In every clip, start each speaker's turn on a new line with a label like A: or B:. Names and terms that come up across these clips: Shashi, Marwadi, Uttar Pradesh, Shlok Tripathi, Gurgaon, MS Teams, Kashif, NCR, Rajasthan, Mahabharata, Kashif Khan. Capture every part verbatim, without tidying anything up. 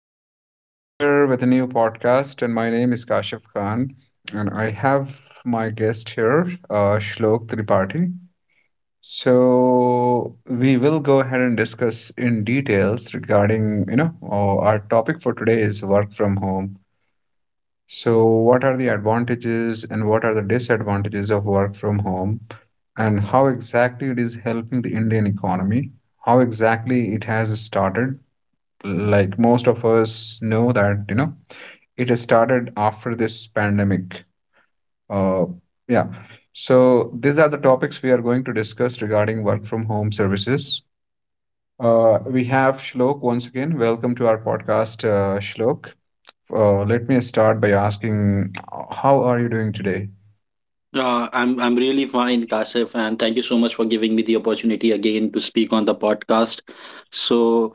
A: everyone. I'm here with a new podcast, and my name is Kashif Khan, and I have my guest here, uh, Shlok Tripathi. So we will go ahead and discuss in details regarding, you know, uh, our topic for today is work from home. So what are the advantages and what are the disadvantages of work from home, and how exactly it is helping the Indian economy? How exactly it has started? Like most of us know that you know it has started after this pandemic. uh yeah, so these are the topics we are going to discuss regarding work from home services. Uh we have Shlok once again. Welcome to our podcast, uh Shlok. Uh, let me start by asking, how are you doing today?
B: Uh, I'm I'm really fine, Kashif, and thank you so much for giving me the opportunity again to speak on the podcast. So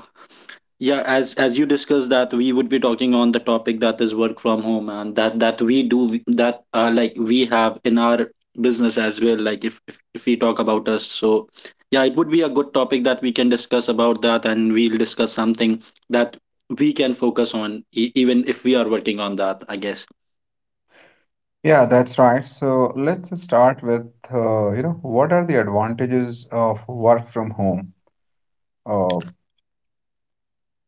B: yeah, as as you discussed, that we would be talking on the topic that is work from home, and that that we do that, uh, like we have in our business as well. Like if, if if we talk about us, so yeah, it would be a good topic that we can discuss about that, and we'll discuss something that we can focus on e- even if we are working on that, I guess.
A: Yeah, that's right. So let's start with uh, you know, what are the advantages of work from home? uh,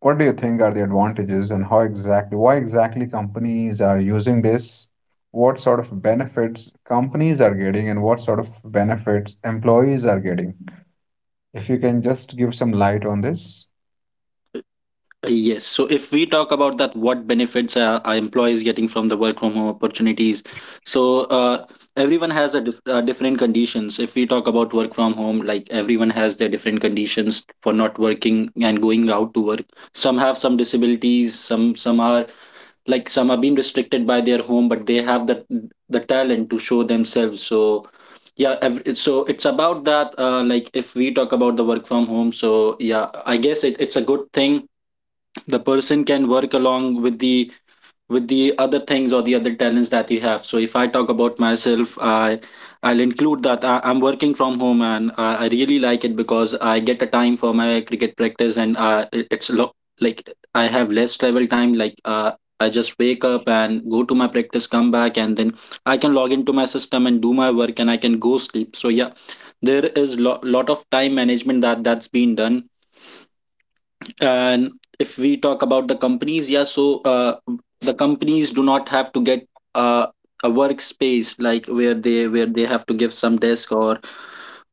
A: What do you think are the advantages and how exactly, why exactly companies are using this? What sort of benefits companies are getting and what sort of benefits employees are getting? If you can just give some light on this.
B: Yes. So if we talk about that, what benefits are, are employees getting from the work from home opportunities? So uh, Everyone has a dif- uh, different conditions. If we talk about work from home, like everyone has their different conditions for not working and going out to work. Some have some disabilities. Some some are like some are being restricted by their home, but they have the the talent to show themselves. So yeah ev- so it's about that, uh, like if we talk about the work from home, so yeah, I guess it, it's a good thing. The person can work along with the with the other things or the other talents that you have. So if I talk about myself, i i'll include that I, i'm working from home, and I, I really like it because I get a time for my cricket practice, and uh, it- it's lo- like I have less travel time. like uh, I just wake up and go to my practice, come back, and then I can log into my system and do my work, and I can go sleep. So yeah, there is lo- lot of time management that that's been done. And if we talk about the companies, yeah, so uh, the companies do not have to get uh, a workspace, like where they where they have to give some desk or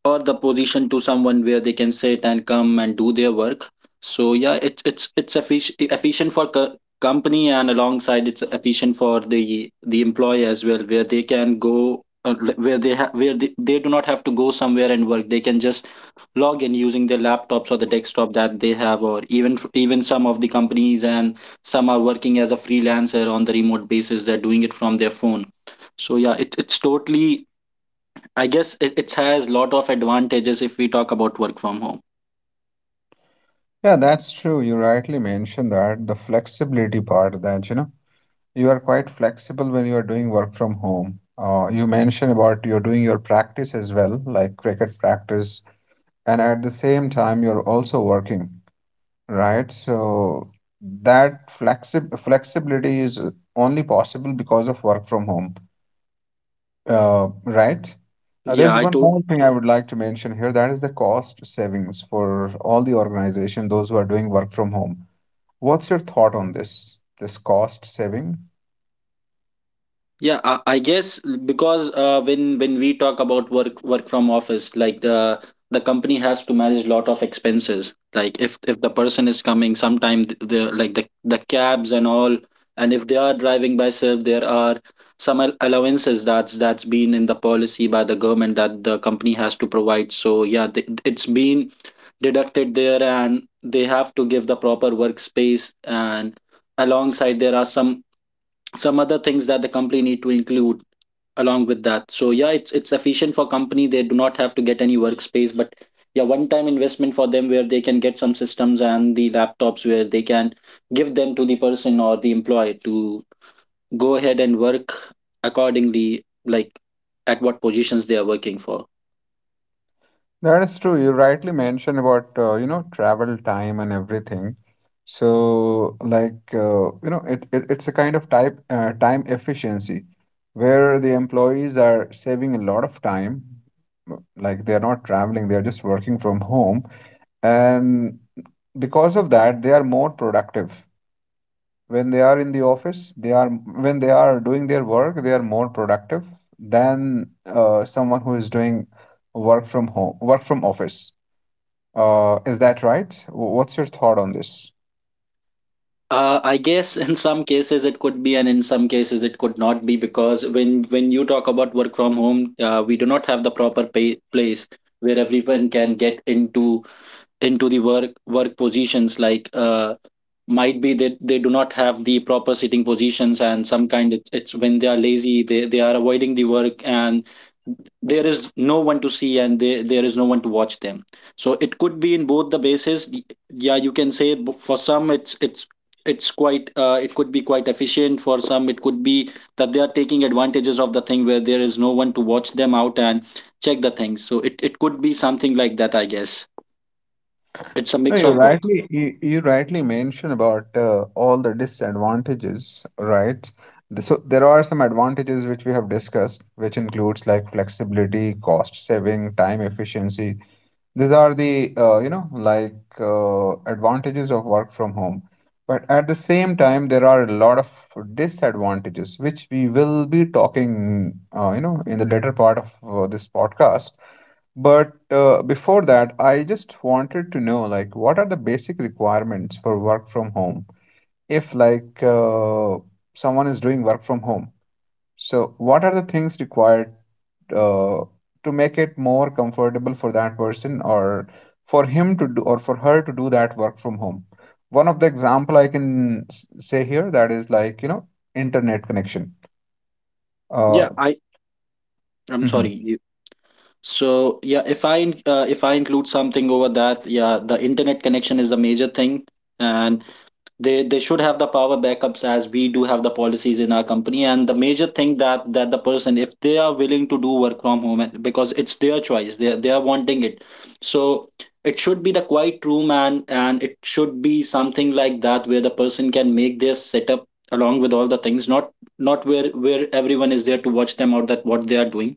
B: or the position to someone where they can sit and come and do their work. So yeah, it's it's it's effic- efficient for co- company, and alongside, it's efficient for the the employee as well, where they can go, uh, where they ha- where they, they do not have to go somewhere and work. They can just log in using their laptops or the desktop that they have, or even even some of the companies, and some are working as a freelancer on the remote basis, they're doing it from their phone. So yeah, it, it's totally, I guess, it, it has lot of advantages if we talk about work from home.
A: Yeah, that's true. You rightly mentioned that the flexibility part that, you know, you are quite flexible when you are doing work from home. Uh, you mentioned about you're doing your practice as well, like cricket practice, and at the same time, you're also working. Right, so that flexi flexibility is only possible because of work from home, uh, right? Now,
B: yeah
A: there's
B: i
A: one
B: to-
A: more thing I would like to mention here, that is the cost savings for all the organization, those who are doing work from home. What's your thought on this, this cost saving?
B: Yeah, I, I guess because uh, when when we talk about work work from office, like the the company has to manage lot of expenses. Like if if the person is coming, sometime th- the like the the cabs and all, and if they are driving by self, there are some al- allowances that's that's been in the policy by the government that the company has to provide. So yeah, th- it's been deducted there, and they have to give the proper workspace. And alongside, there are some some other things that the company need to include along with that. So yeah, it's it's efficient for company, they do not have to get any workspace, but yeah, one time investment for them where they can get some systems and the laptops where they can give them to the person or the employee to go ahead and work accordingly, like at what positions they are working for.
A: That is true. You rightly mentioned about uh, you know, travel time and everything. So like uh, you know, it, it it's a kind of type uh, time efficiency where the employees are saving a lot of time. Like they are not traveling, they are just working from home, and because of that they are more productive. When they are in the office, they are when they are doing their work, they are more productive than uh, someone who is doing work from home, work from office. Uh, is that right? W- What's your thought on this?
B: Uh, I guess in some cases it could be, and in some cases it could not be, because when when you talk about work from home, uh, we do not have the proper pay, place where everyone can get into into the work work positions. Like uh, might be that they do not have the proper sitting positions, and some kind it's, it's when they are lazy, they, they are avoiding the work, and there is no one to see, and they, there is no one to watch them. So it could be in both the bases. Yeah, you can say, b- for some it's it's it's quite, uh, it could be quite efficient. For some, it could be that they are taking advantages of the thing where there is no one to watch them out and check the things. So it, it could be something like that, I guess. It's a
A: No,
B: mix
A: you
B: of both.
A: rightly you, you rightly mentioned about uh, all the disadvantages, right? The- So there are some advantages which we have discussed, which includes like flexibility, cost saving, time efficiency. These are the uh, you know, like uh, advantages of work from home. But at the same time, there are a lot of disadvantages which we will be talking uh, you know, in the later part of uh, this podcast. But uh, before that, I just wanted to know, like, what are the basic requirements for work from home? If like uh, someone is doing work from home, so what are the things required uh, to make it more comfortable for that person, or for him to do or for her to do that work from home? One of the example I can s- say here, that is like, you know, internet connection. Uh,
B: Yeah, I I'm sorry.
A: mhm.
B: You- So yeah, if I in- uh, if I include something over that, yeah, the internet connection is the major thing, and they they should have the power backups, as we do have the policies in our company. And the major thing that that the person, if they are willing to do work from home, and- because it's their choice, they they are wanting it, so it should be the quiet room, and and it should be something like that where the person can make their setup along with all the things. Not not where where everyone is there to watch them or that what they are doing.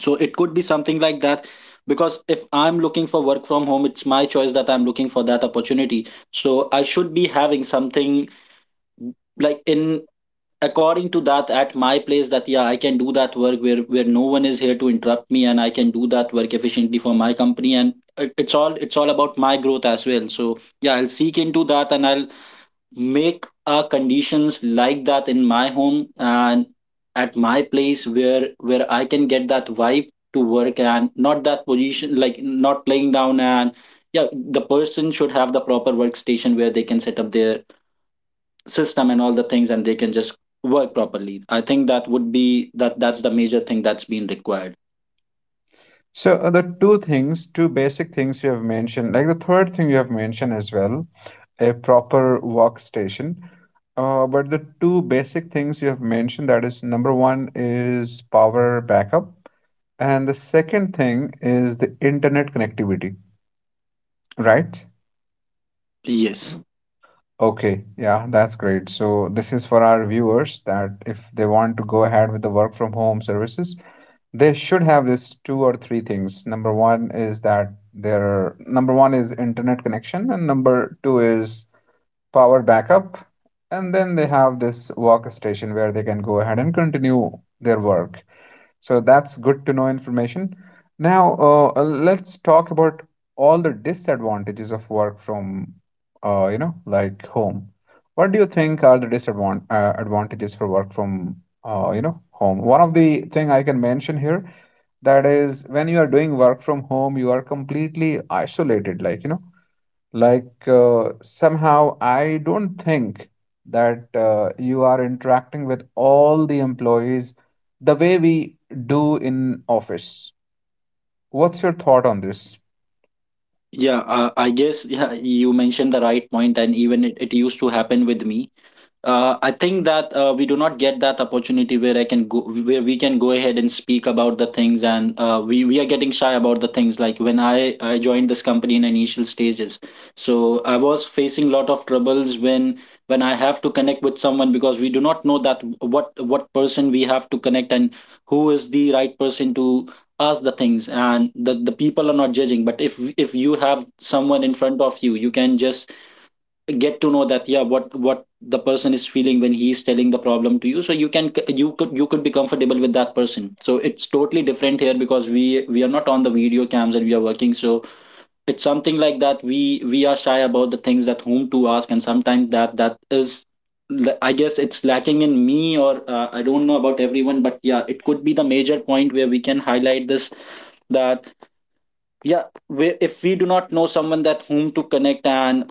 B: So it could be something like that, because if I'm looking for work from home, it's my choice that I'm looking for that opportunity, so I should be having something like in according to that at my place, that yeah, I can do that work where where no one is here to interrupt me, and I can do that work efficiently for my company. And it- it's all it's all about my growth as well. So yeah, I'll seek into that, and I'll make uh, conditions like that in my home and at my place where where i can get that vibe to work, and not that position, like not laying down. And yeah, the person should have the proper workstation where they can set up their system and all the things, and they can just work properly. I think that would be that that's the major thing that's been required.
A: So uh, the two things, two basic things you have mentioned, like the third thing you have mentioned as well, a proper workstation. Uh, but the two basic things you have mentioned, that is number one is power backup, and the second thing is the internet connectivity, right?
B: Yes.
A: Okay, yeah, that's great. So this is for our viewers that if they want to go ahead with the work from home services, they should have this two or three things. Number one is that their number one is internet connection, and number two is power backup. And then they have this workstation where they can go ahead and continue their work. So that's good to know information. Now, uh, uh, let's talk about all the disadvantages of work from, uh, you know, like home. What do you think are the disadvantages uh, advantages for work from, uh, you know, home? One of the thing I can mention here, that is when you are doing work from home, you are completely isolated, like, you know, like uh, somehow I don't think that uh, you are interacting with all the employees the way we do in office. What's your thought on this?
B: Yeah, uh, I guess yeah, you mentioned the right point, and even it, it used to happen with me. Uh, I think that uh, we do not get that opportunity where I can go, where we can go ahead and speak about the things. And uh, we we are getting shy about the things. Like when I I joined this company in initial stages, so I was facing a lot of troubles when when I have to connect with someone, because we do not know that what what person we have to connect, and who is the right person to ask the things. And the the people are not judging, but if if you have someone in front of you, you can just get to know that yeah, what what the person is feeling when he is telling the problem to you, so you can, you could you could be comfortable with that person. So it's totally different here, because we we are not on the video cams and we are working. So it's something like that, we we are shy about the things, that whom to ask. And sometimes that that is, I guess, it's lacking in me, or uh, I don't know about everyone, but yeah, it could be the major point where we can highlight this. That yeah, we, if we do not know someone that whom to connect, and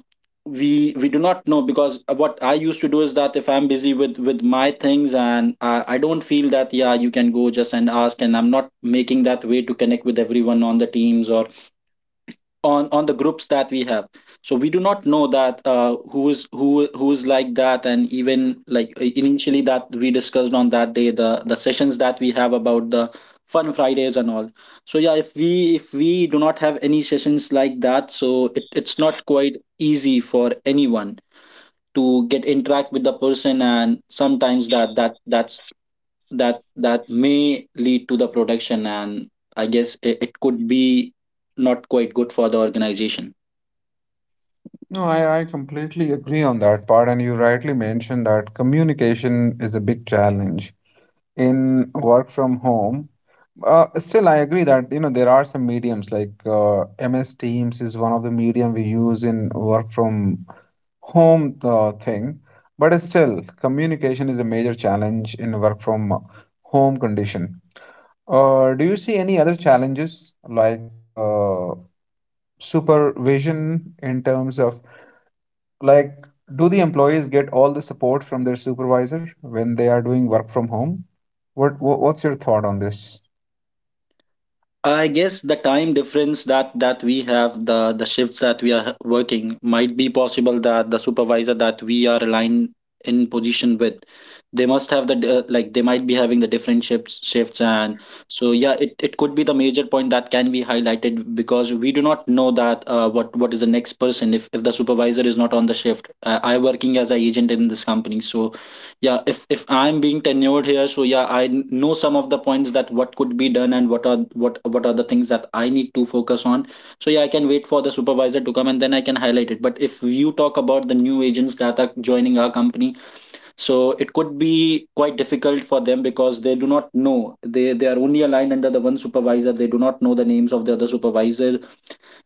B: we we do not know, because what I used to do is that if I'm busy with with my things, and i, I don't feel that yeah, you can go just and ask, and I'm not making that way to connect with everyone on the teams or on on the groups that we have. So we do not know that, uh, who is who who is like that. And even like, uh, initially that we discussed on that day, the the sessions that we have about the fun Fridays and all. So yeah, if we if we do not have any sessions like that, so it, it's not quite easy for anyone to get interact with the person. And sometimes that that that's that that may lead to the production, and I guess it, it could be not quite good for the organization.
A: No I, I completely agree on that part, and you rightly mentioned that communication is a big challenge in work from home. Uh, still, I agree that you know, there are some mediums like uh, M S Teams is one of the medium we use in work from home uh, thing. But still, communication is a major challenge in work from home condition. Uh, do you see any other challenges like uh, supervision in terms of like, do the employees get all the support from their supervisor when they are doing work from home? What, what what's your thought on this?
B: I guess the time difference that that we have, the the shifts that we are working, might be possible that the supervisor that we are aligned in position with, they must have the d- uh, like they might be having the different shifts shifts. And so yeah, it it could be the major point that can be highlighted, because we do not know that, uh, what what is the next person if if the supervisor is not on the shift. Uh, I working as a agent in this company, so yeah, if if I'm being tenured here, so yeah, i n- know some of the points that what could be done and what are what what are the things that I need to focus on. So yeah, I can wait for the supervisor to come and then I can highlight it, but if you talk about the new agents that are joining our company, so it could be quite difficult for them because they do not know, they they are only aligned under the one supervisor. They do not know the names of the other supervisors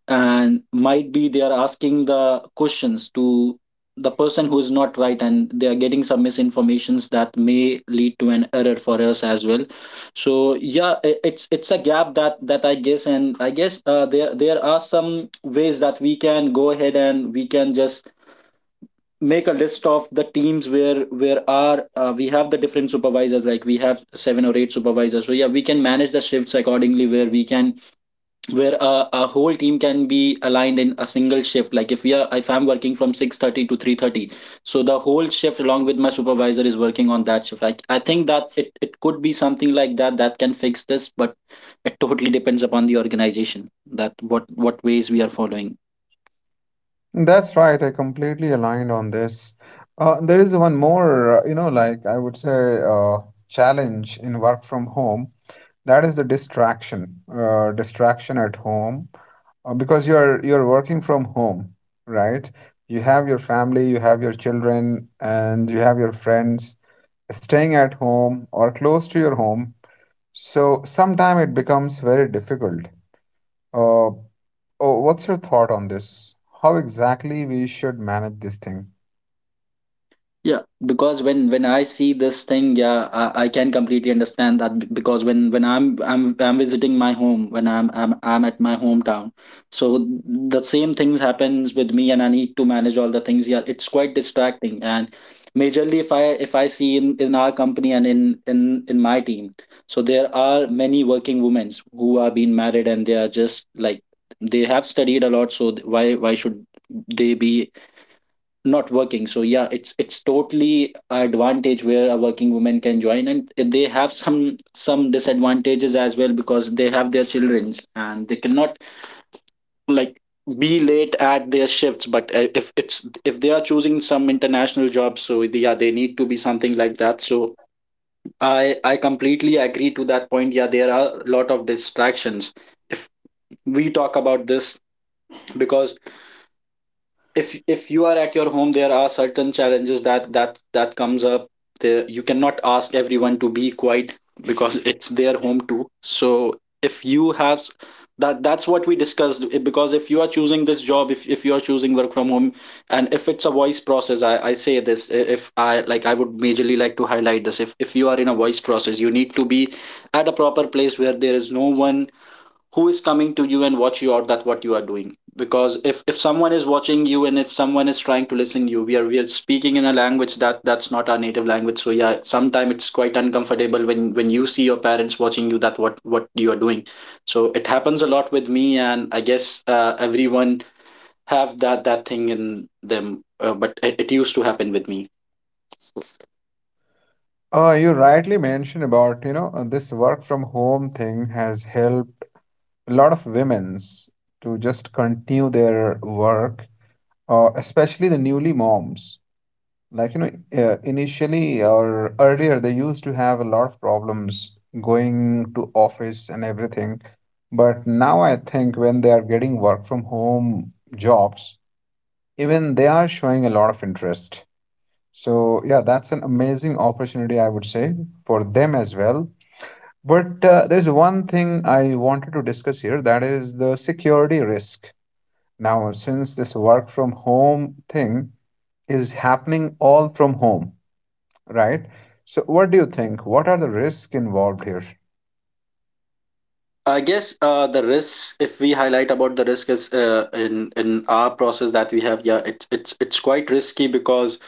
B: and might be they are asking the questions to the person who is not right, and they are getting some misinformations that may lead to an error for us as well. So yeah, i- it's it's a gap that that I guess. And I guess uh, there there are some ways that we can go ahead and we can just make a list of the teams where where are uh, we have the different supervisors. Like we have seven or eight supervisors, so yeah, we can manage the shifts accordingly, where we can, where a, a whole team can be aligned in a single shift. Like if we are, if I'm working from six thirty to three thirty, so the whole shift along with my supervisor is working on that shift. Like I think that it, it could be something like that that can fix this, but it totally depends upon the organization that what what ways we are following.
A: That's right. I completely aligned on this. Uh, there is one more, uh, you know, like, I would say, uh, challenge in work from home. That is the distraction, uh, distraction at home, uh, because you're you're working from home, right? You have your family, you have your children, and you have your friends staying at home or close to your home. So sometime it becomes very difficult. Uh, oh, what's your thought on this? How exactly we should manage this thing?
B: Yeah, because when when I see this thing, yeah, I, I can completely understand that b- because when when I'm I'm I'm visiting my home, when I'm I'm I'm at my hometown, so the same things happens with me, and I need to manage all the things. Yeah, it's quite distracting, and majorly if I, if I see in in our company and in in in my team, so there are many working women who are being married, and they are just like, they have studied a lot, so th- why why should they be not working. So yeah, it's it's totally a advantage where a working woman can join, and they have some some disadvantages as well because they have their childrens and they cannot, like, be late at their shifts. But uh, if it's, if they are choosing some international jobs, so they- yeah, they need to be something like that. So i i completely agree to that point. Yeah, there are a lot of distractions if we talk about this, because if if you are at your home, there are certain challenges that that that comes up. The, you cannot ask everyone to be quiet because it's their home too. So if you have s- that that's what we discussed. I- because if you are choosing this job, if, if you are choosing work from home, and if it's a voice process, i i say this. I- if I, like, I would majorly like to highlight this, if if you are in a voice process, you need to be at a proper place where there is no one who is coming to you and watch you out that what you are doing. Because if if someone is watching you, and if someone is trying to listen to you, we are, we are speaking in a language that that's not our native language. So yeah, sometimes it's quite uncomfortable when when you see your parents watching you that what what you are doing. So it happens a lot with me, and I guess uh, everyone have that that thing in them. Uh, but it, it used to happen with me.
A: Uh, you rightly mentioned about, you know, uh, this work from home thing has helped a lot of women's to just continue their work, uh, especially the newly moms. Like, you know, uh, initially or earlier, they used to have a lot of problems going to office and everything. But now I think when they are getting work from home jobs, even they are showing a lot of interest. So yeah, that's an amazing opportunity, I would say, for them as well. But uh, there's one thing I wanted to discuss here, that is the security risk. Now, since this work from home thing is happening all from home, right? So what do you think? What are the risks involved here?
B: I guess uh, the risks, if we highlight about the risk, is uh, in in our process that we have, yeah, it's it's it's quite risky because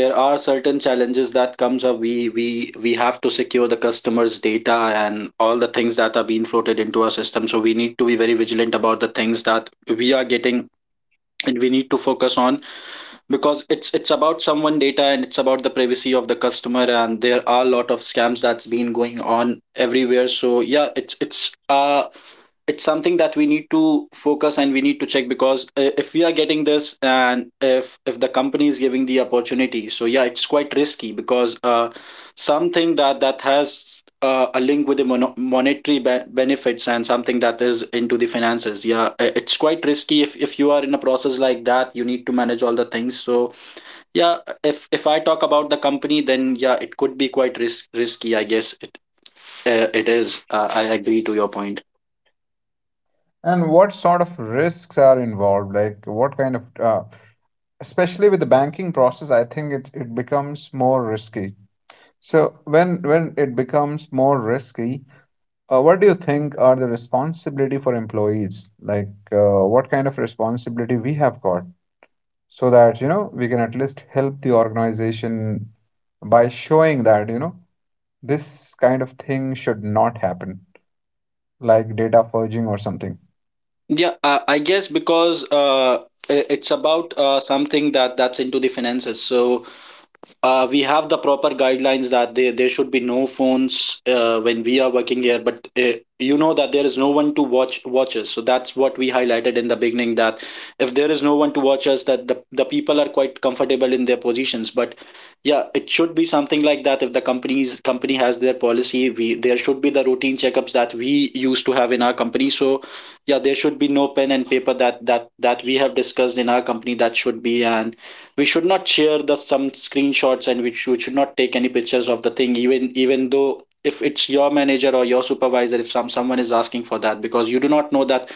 B: there are certain challenges that comes up. We we we have to secure the customers data and all the things that are being floated into our system, so we need to be very vigilant about the things that we are getting and we need to focus on, because it's it's about someone data, and it's about the privacy of the customer, and there are a lot of scams that's been going on everywhere. So yeah, it's it's uh it's something that we need to focus and we need to check. Because uh, if we are getting this, and if if the company is giving the opportunity, so yeah, it's quite risky because uh something that that has uh, a link with the mono- monetary be- benefits and something that is into the finances. Yeah, i- it's quite risky if if you are in a process like that. You need to manage all the things. So yeah, if if I talk about the company, then yeah, it could be quite risk- risky, I guess. It uh, it is, uh, I agree to your point.
A: And what sort of risks are involved? Like, what kind of, uh, especially with the banking process, I think it, it becomes more risky. So when when it becomes more risky, uh, what do you think are the responsibility for employees? Like uh, what kind of responsibility we have got, so that you know, we can at least help the organization by showing that you know, this kind of thing should not happen, like data forging or something.
B: Yeah, uh, I guess, because uh, i- it's about uh, something that that's into the finances, so uh, we have the proper guidelines that there, there should be no phones uh, when we are working here. But uh, you know that there is no one to watch watch us, so that's what we highlighted in the beginning, that if there is no one to watch us, that the, the people are quite comfortable in their positions. But yeah, it should be something like that. If the company's company has their policy, we, there should be the routine checkups that we used to have in our company. So yeah, there should be no pen and paper that that that we have discussed in our company that should be. And we should not share the some screenshots, and we should, we should not take any pictures of the thing, even even though if it's your manager or your supervisor. If some someone is asking for that, because you do not know that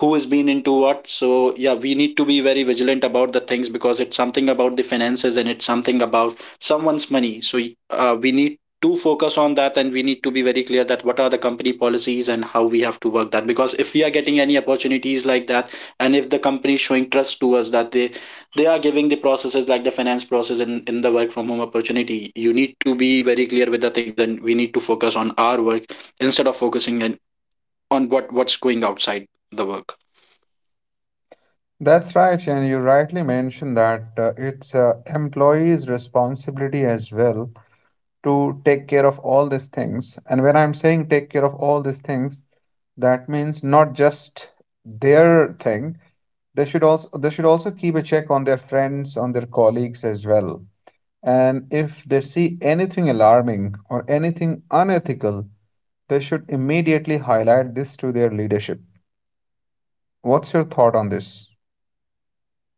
B: who has been into what. So yeah, we need to be very vigilant about the things, because it's something about the finances and it's something about someone's money. So uh, we need to focus on that, and we need to be very clear that what are the company policies and how we have to work that. Because if we are getting any opportunities like that, and if the company is showing trust to us that they they are giving the processes like the finance process in, in the work from home opportunity, you need to be very clear with the things, and we need to focus on our work instead of focusing on, on what what's going outside the work.
A: That's right, and you rightly mentioned that uh, it's uh, employees' responsibility as well to take care of all these things. And when I'm saying take care of all these things, that means not just their thing. They should also they should also keep a check on their friends, on their colleagues as well. And if they see anything alarming or anything unethical, they should immediately highlight this to their leadership. What's your thought on this?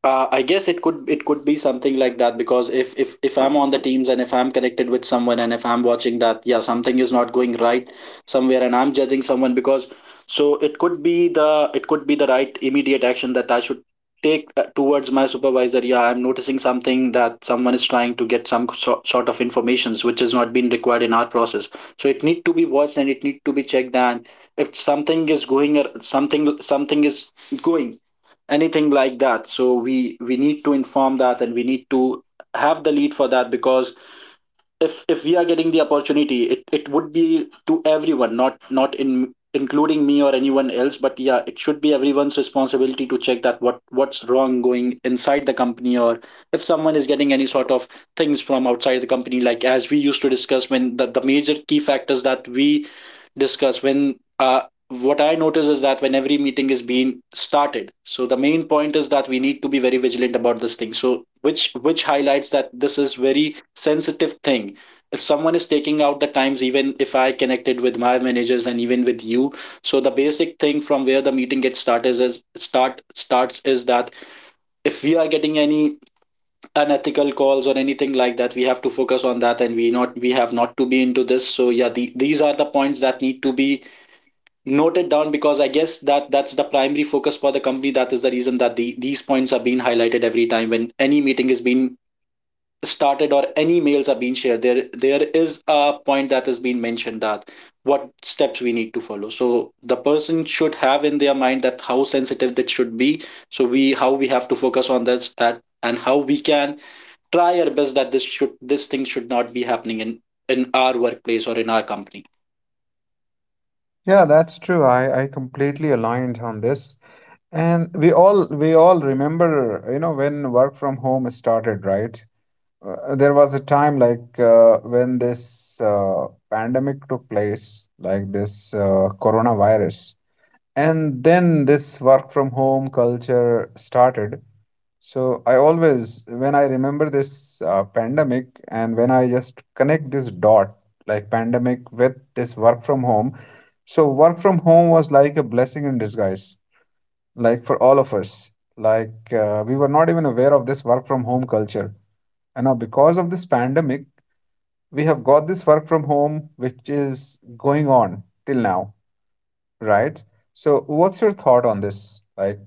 B: Uh, I guess it could it could be something like that, because if if if I'm on the teams and if I'm connected with someone, and if I'm watching that, yeah, something is not going right somewhere, and I'm judging someone because, so it could be the, it could be the right immediate action that I should take uh, towards my supervisor. Yeah, I'm noticing something that someone is trying to get some so, sort of informations which has not been required in our process. So it need to be watched and it need to be checked. And if something is going ar- something something is going anything like that, so we we need to inform that, and we need to have the lead for that. Because if if we are getting the opportunity, it it would be to everyone, not not in, including me or anyone else. But yeah, it should be everyone's responsibility to check that what what's wrong going inside the company, or if someone is getting any sort of things from outside the company, like as we used to discuss when the, the major key factors that we discuss when, uh, what I notice is that when every meeting is being started, so the main point is that we need to be very vigilant about this thing. So which which highlights that this is very sensitive thing. If someone is taking out the times, even if I connected with my managers and even with you, so the basic thing from where the meeting gets started is start starts is that if we are getting any unethical calls or anything like that, we have to focus on that, and we not we have not to be into this. So yeah, the, these are the points that need to be noted down, because I guess that that's the primary focus for the company. That is the reason that the, these points are being highlighted every time when any meeting is being started or any mails are being shared. There there is a point that has been mentioned that what steps we need to follow. So the person should have in their mind that how sensitive that should be. So we how we have to focus on this that and how we can try our best that this should this thing should not be happening in in our workplace or in our company.
A: Yeah, that's true. I, I completely aligned on this. And we all we all remember, you know, when work from home started, right? Uh, there was a time like uh, when this uh, pandemic took place, like this uh, coronavirus, and then this work from home culture started. So I always, when I remember this uh, pandemic, and when I just connect this dot, like pandemic with this work from home, so work from home was like a blessing in disguise, like for all of us. Like uh, we were not even aware of this work from home culture. And now, because of this pandemic, we have got this work from home which is going on till now, right? So what's your thought on this? Like,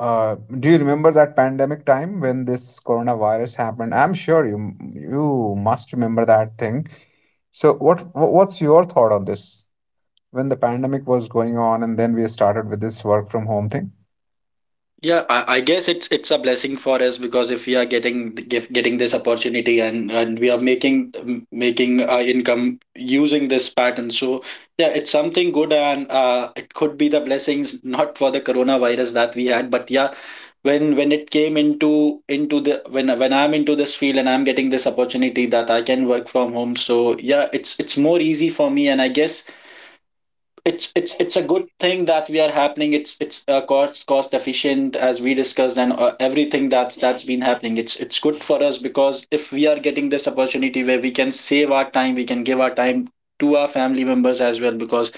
A: uh, do you remember that pandemic time when this coronavirus happened? I'm sure you you must remember that thing. So what what's your thought on this? When the pandemic was going on and then we started with this work from home thing?
B: Yeah, I, I guess it's it's a blessing for us because if we are getting get, getting this opportunity and and we are making m- making uh, income using this pattern, so yeah, it's something good and uh, it could be the blessings not for the coronavirus that we had, but yeah, when when it came into into the when when I'm into this field and I'm getting this opportunity that I can work from home, so yeah, it's it's more easy for me, and I guess it's it's it's a good thing that we are happening. It's it's uh, cost cost efficient, as we discussed, and uh, everything that's that's been happening, it's it's good for us, because if we are getting this opportunity where we can save our time, we can give our time to our family members as well. Because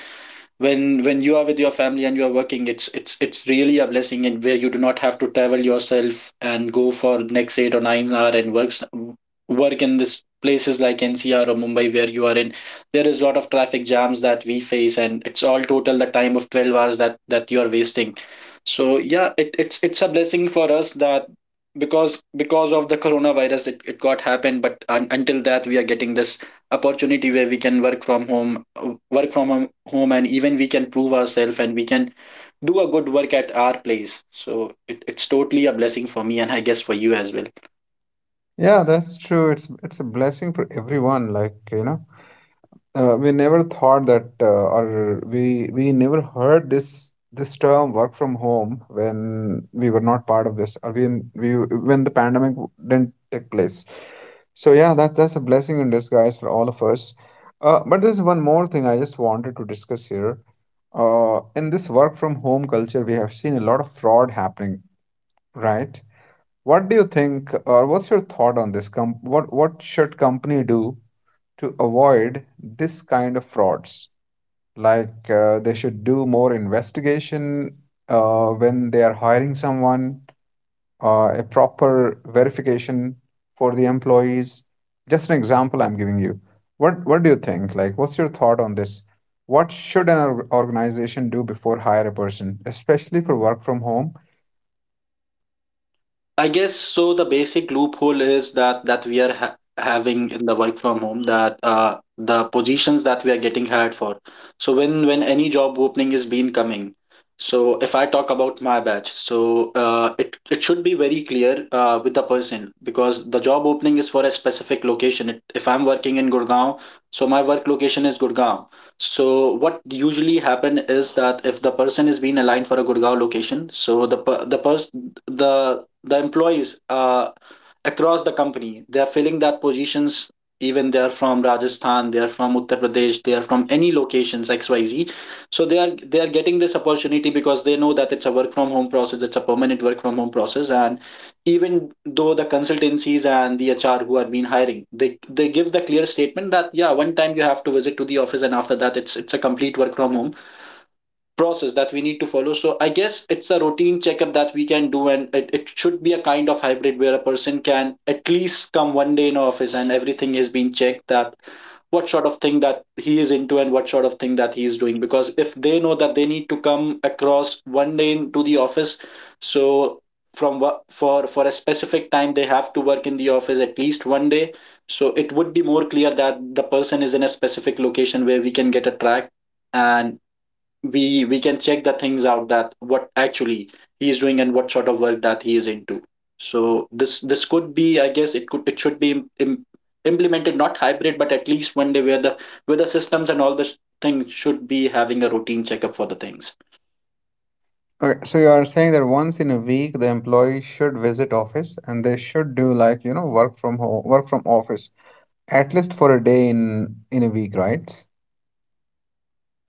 B: when when you are with your family and you are working, it's it's it's really a blessing, and where you do not have to travel yourself and go for next eight or nine hour and works work in this places like N C R or Mumbai where you are in, there is a lot of traffic jams that we face, and it's all total the time of twelve hours that that you are wasting. So yeah, it, it's it's a blessing for us that because because of the coronavirus it, it got happened. But un- until that we are getting this opportunity where we can work from home, uh, work from hom- home, and even we can prove ourselves and we can do a good work at our place. So it, it's totally a blessing for me, and I guess for you as well.
A: Yeah, that's true. It's it's a blessing for everyone. Like, you know, uh, we never thought that, uh, or we we never heard this this term work from home when we were not part of this, or when we when the pandemic w- didn't take place. So yeah, that that's a blessing in disguise for all of us. Uh, but there's one more thing I just wanted to discuss here. Uh, in this work from home culture, we have seen a lot of fraud happening, right? What do you think, or what's your thought on this? Com- what what should company do to avoid this kind of frauds? Like uh, they should do more investigation uh, when they are hiring someone, uh, a proper verification for the employees. Just an example I'm giving you. What what do you think? Like, what's your thought on this? What should an org- organization do before hire a person, especially for work from home?
B: I guess so. The basic loophole is that that we are ha- having in the work from home, that uh, the positions that we are getting hired for. So when when any job opening is been coming, so if I talk about my batch, so uh, it it should be very clear uh, with the person, because the job opening is for a specific location. It, if I'm working in Gurgaon, so my work location is Gurgaon. So what usually happen is that if the person is being aligned for a Gurgaon location, so the per- the person the the employees uh, across the company, they are filling that positions. Even they are from Rajasthan, they are from Uttar Pradesh, they are from any locations X Y Z. So they are they are getting this opportunity because they know that it's a work from home process, it's a permanent work from home process, and even though the consultancies and the hr who are being hiring, they they give the clear statement that yeah, one time you have to visit to the office, and after that it's it's a complete work from home process that we need to follow. So I guess it's a routine checkup that we can do, and it, it should be a kind of hybrid where a person can at least come one day in office, and everything has been checked that what sort of thing that he is into and what sort of thing that he is doing. Because if they know that they need to come across one day into the office, so from wo- for for a specific time they have to work in the office at least one day. So it would be more clear that the person is in a specific location where we can get a track, and we we can check the things out that what actually he is doing and what sort of work that he is into. So this this could be, I guess, it could it should be im- im- implemented. Not hybrid, but at least one day where the where the systems and all the things should be having a routine checkup for the things.
A: Okay, so you are saying that once in a week the employee should visit office, and they should do, like, you know, work from home, work from office. At least for a day in in a week, right?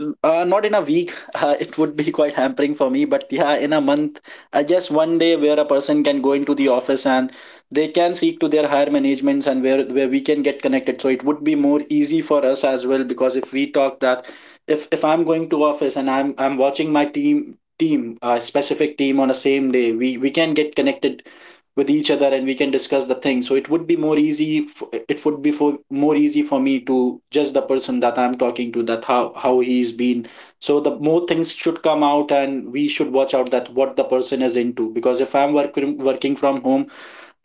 B: N- Uh, not in a week, uh, it would be quite hampering for me, but yeah, in a month, I guess one day where a person can go into the office and they can seek to their higher managements, and where, where we can get connected. So it would be more easy for us as well, because if we talk that if if I'm going to office and I'm I'm watching my team team a specific team on a same day, we we can get connected with each other and we can discuss the thing. So it would be more easy f- it would be for more easy for me to judge the person that I'm talking to, that how how he's been. So the more things should come out, and we should watch out that what the person is into, because if I'm working working from home,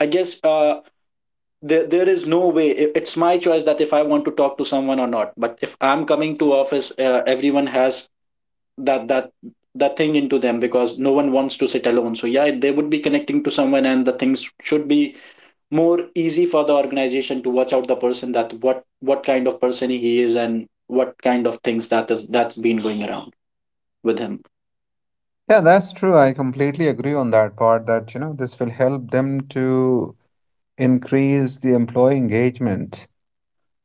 B: I guess uh there, there is no way i- it's my choice that if I want to talk to someone or not. But if I'm coming to office, uh, everyone has that that that thing into them, because no one wants to sit alone. So yeah, they would be connecting to someone, and the things should be more easy for the organization to watch out the person, that what what kind of person he is and what kind of things that is that's been going around with him.
A: Yeah, that's true. I completely agree on that part that, you know, this will help them to increase the employee engagement,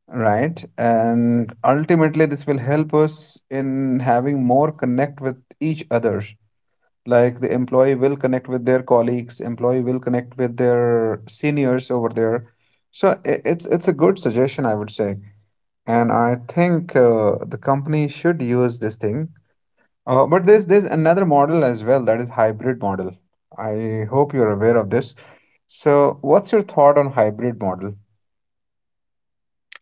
A: right? And ultimately, this will help us in having more connect with each other. Like the employee will connect with their colleagues, employee will connect with their seniors over there. So i- it's it's a good suggestion, I would say. And I think uh, the company should use this thing. Uh, but there's there's another model as well, that is hybrid model. I hope you're aware of this. So, what's your thought on hybrid model?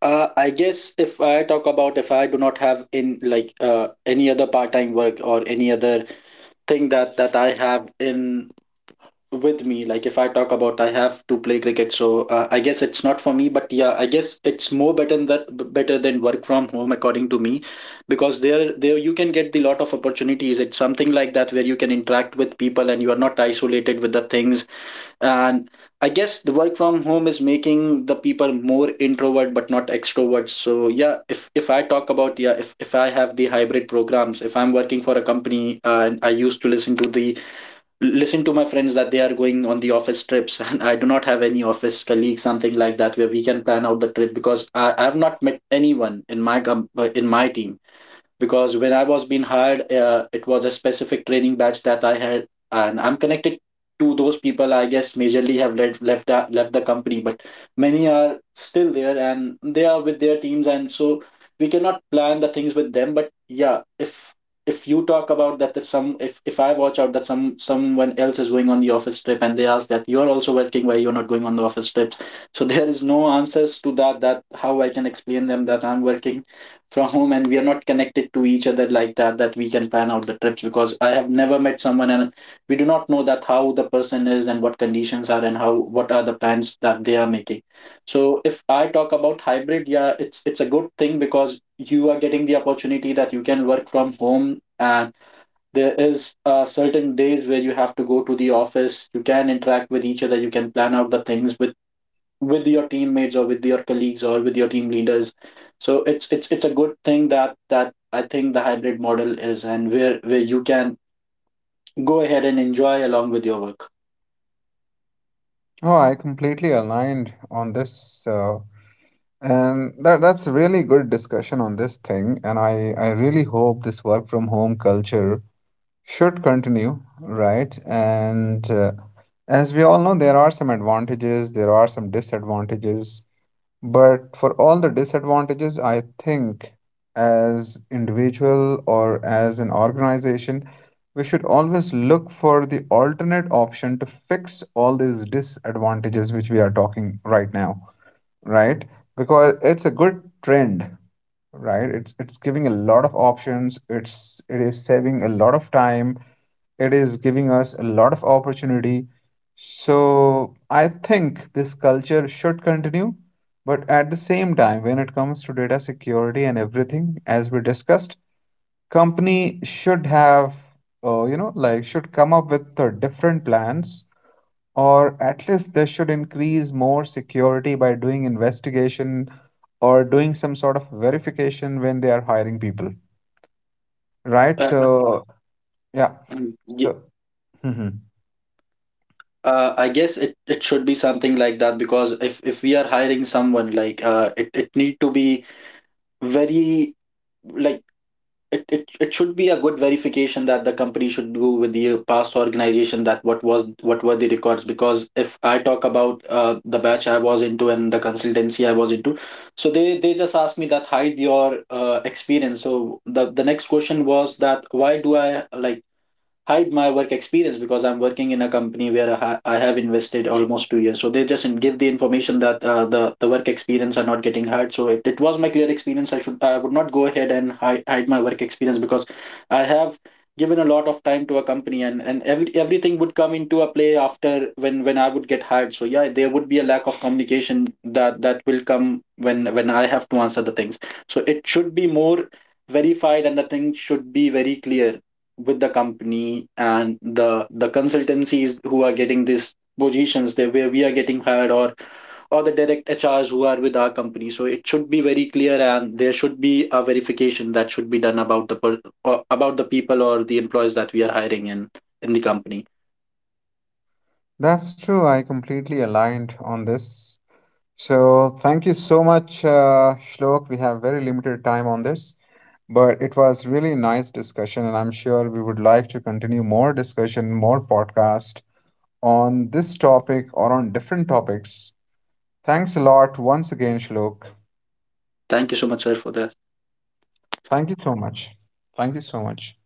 B: Uh, I guess if I talk about, if I do not have in like uh, any other part-time work or any other thing that that I have in with me, like if I talk about I have to play cricket, so uh, I guess it's not for me. But yeah, I guess it's more better than better than work from home, according to me, because there there you can get the lot of opportunities. It's something like that where you can interact with people and you are not isolated with the things. And I guess the work from home is making the people more introvert but not extroverts. So yeah, if if I talk about, yeah, if, if I have the hybrid programs, if I'm working for a company, uh, and I used to listen to the listen to my friends that they are going on the office trips and I do not have any office colleague, something like that where we can plan out the trip. Because i, I have not met anyone in my com- uh, in my team, because when I was being hired, uh, it was a specific training batch that I had, and I'm connected to those people. I guess majorly have left left that left the company, but many are still there and they are with their teams, and so we cannot plan the things with them. But yeah, if if you talk about that, if some if if I watch out that some someone else is going on the office trip and they ask that you're also working, why you're not going on the office trips? So there is no answers to that. That how I can explain them that I'm working from home and we are not connected to each other like that that we can plan out the trips, because I have never met someone and we do not know that how the person is and what conditions are, and how what are the plans that they are making. So if I talk about hybrid, yeah, it's it's a good thing, because you are getting the opportunity that you can work from home, and there is uh, certain days where you have to go to the office, you can interact with each other, you can plan out the things with with your teammates or with your colleagues or with your team leaders. So it's it's it's a good thing that that I think the hybrid model is, and where where you can go ahead and enjoy along with your work.
A: Oh, I completely aligned on this, uh, and that that's really good discussion on this thing. And I I really hope this work from home culture should continue, right? And uh, as we all know, there are some advantages, there are some disadvantages. But for all the disadvantages, I think as individual or as an organization, we should always look for the alternate option to fix all these disadvantages which we are talking right now, right? Because it's a good trend, right? It's it's giving a lot of options. It's it is saving a lot of time. It is giving us a lot of opportunity. So I think this culture should continue, but at the same time, when it comes to data security and everything, as we discussed, company should have, uh, you know, like, should come up with uh, different plans, or at least they should increase more security by doing investigation or doing some sort of verification when they are hiring people, right?
B: uh, uh,
A: So yeah,
B: mm, y-
A: so mhm.
B: uh, I guess it, it should be something like that, because if if we are hiring someone, like uh, it, it need to be very, like, it, it it should be a good verification that the company should do with the past organization, that what was what were the records. Because if I talk about uh, the batch I was into and the consultancy I was into, so they they just asked me that hide your uh, experience. So the the next question was that why do I like hide my work experience, because I'm working in a company where I, ha- I have invested almost two years. So they just in- give the information that uh, the the work experience are not getting hired. So if it was my clear experience, I should I would not go ahead and hide, hide my work experience, because I have given a lot of time to a company, and and every, everything would come into a play after, when when I would get hired. So yeah, there would be a lack of communication that that will come when when I have to answer the things. So it should be more verified, and the thing should be very clear with the company and the the consultancies who are getting these positions there, where we are getting hired, or or the direct hrs who are with our company. So it should be very clear, and there should be a verification that should be done about the per, or about the people or the employees that we are hiring in in the company.
A: That's true. I completely aligned on this. So thank you so much, uh, Shlok. We have very limited time on this, but it was really nice discussion, and I'm sure we would like to continue more discussion, more podcast on this topic or on different topics. Thanks a lot once again, Shlok.
B: Thank you so much, sir, for that.
A: Thank you so much. Thank you so much.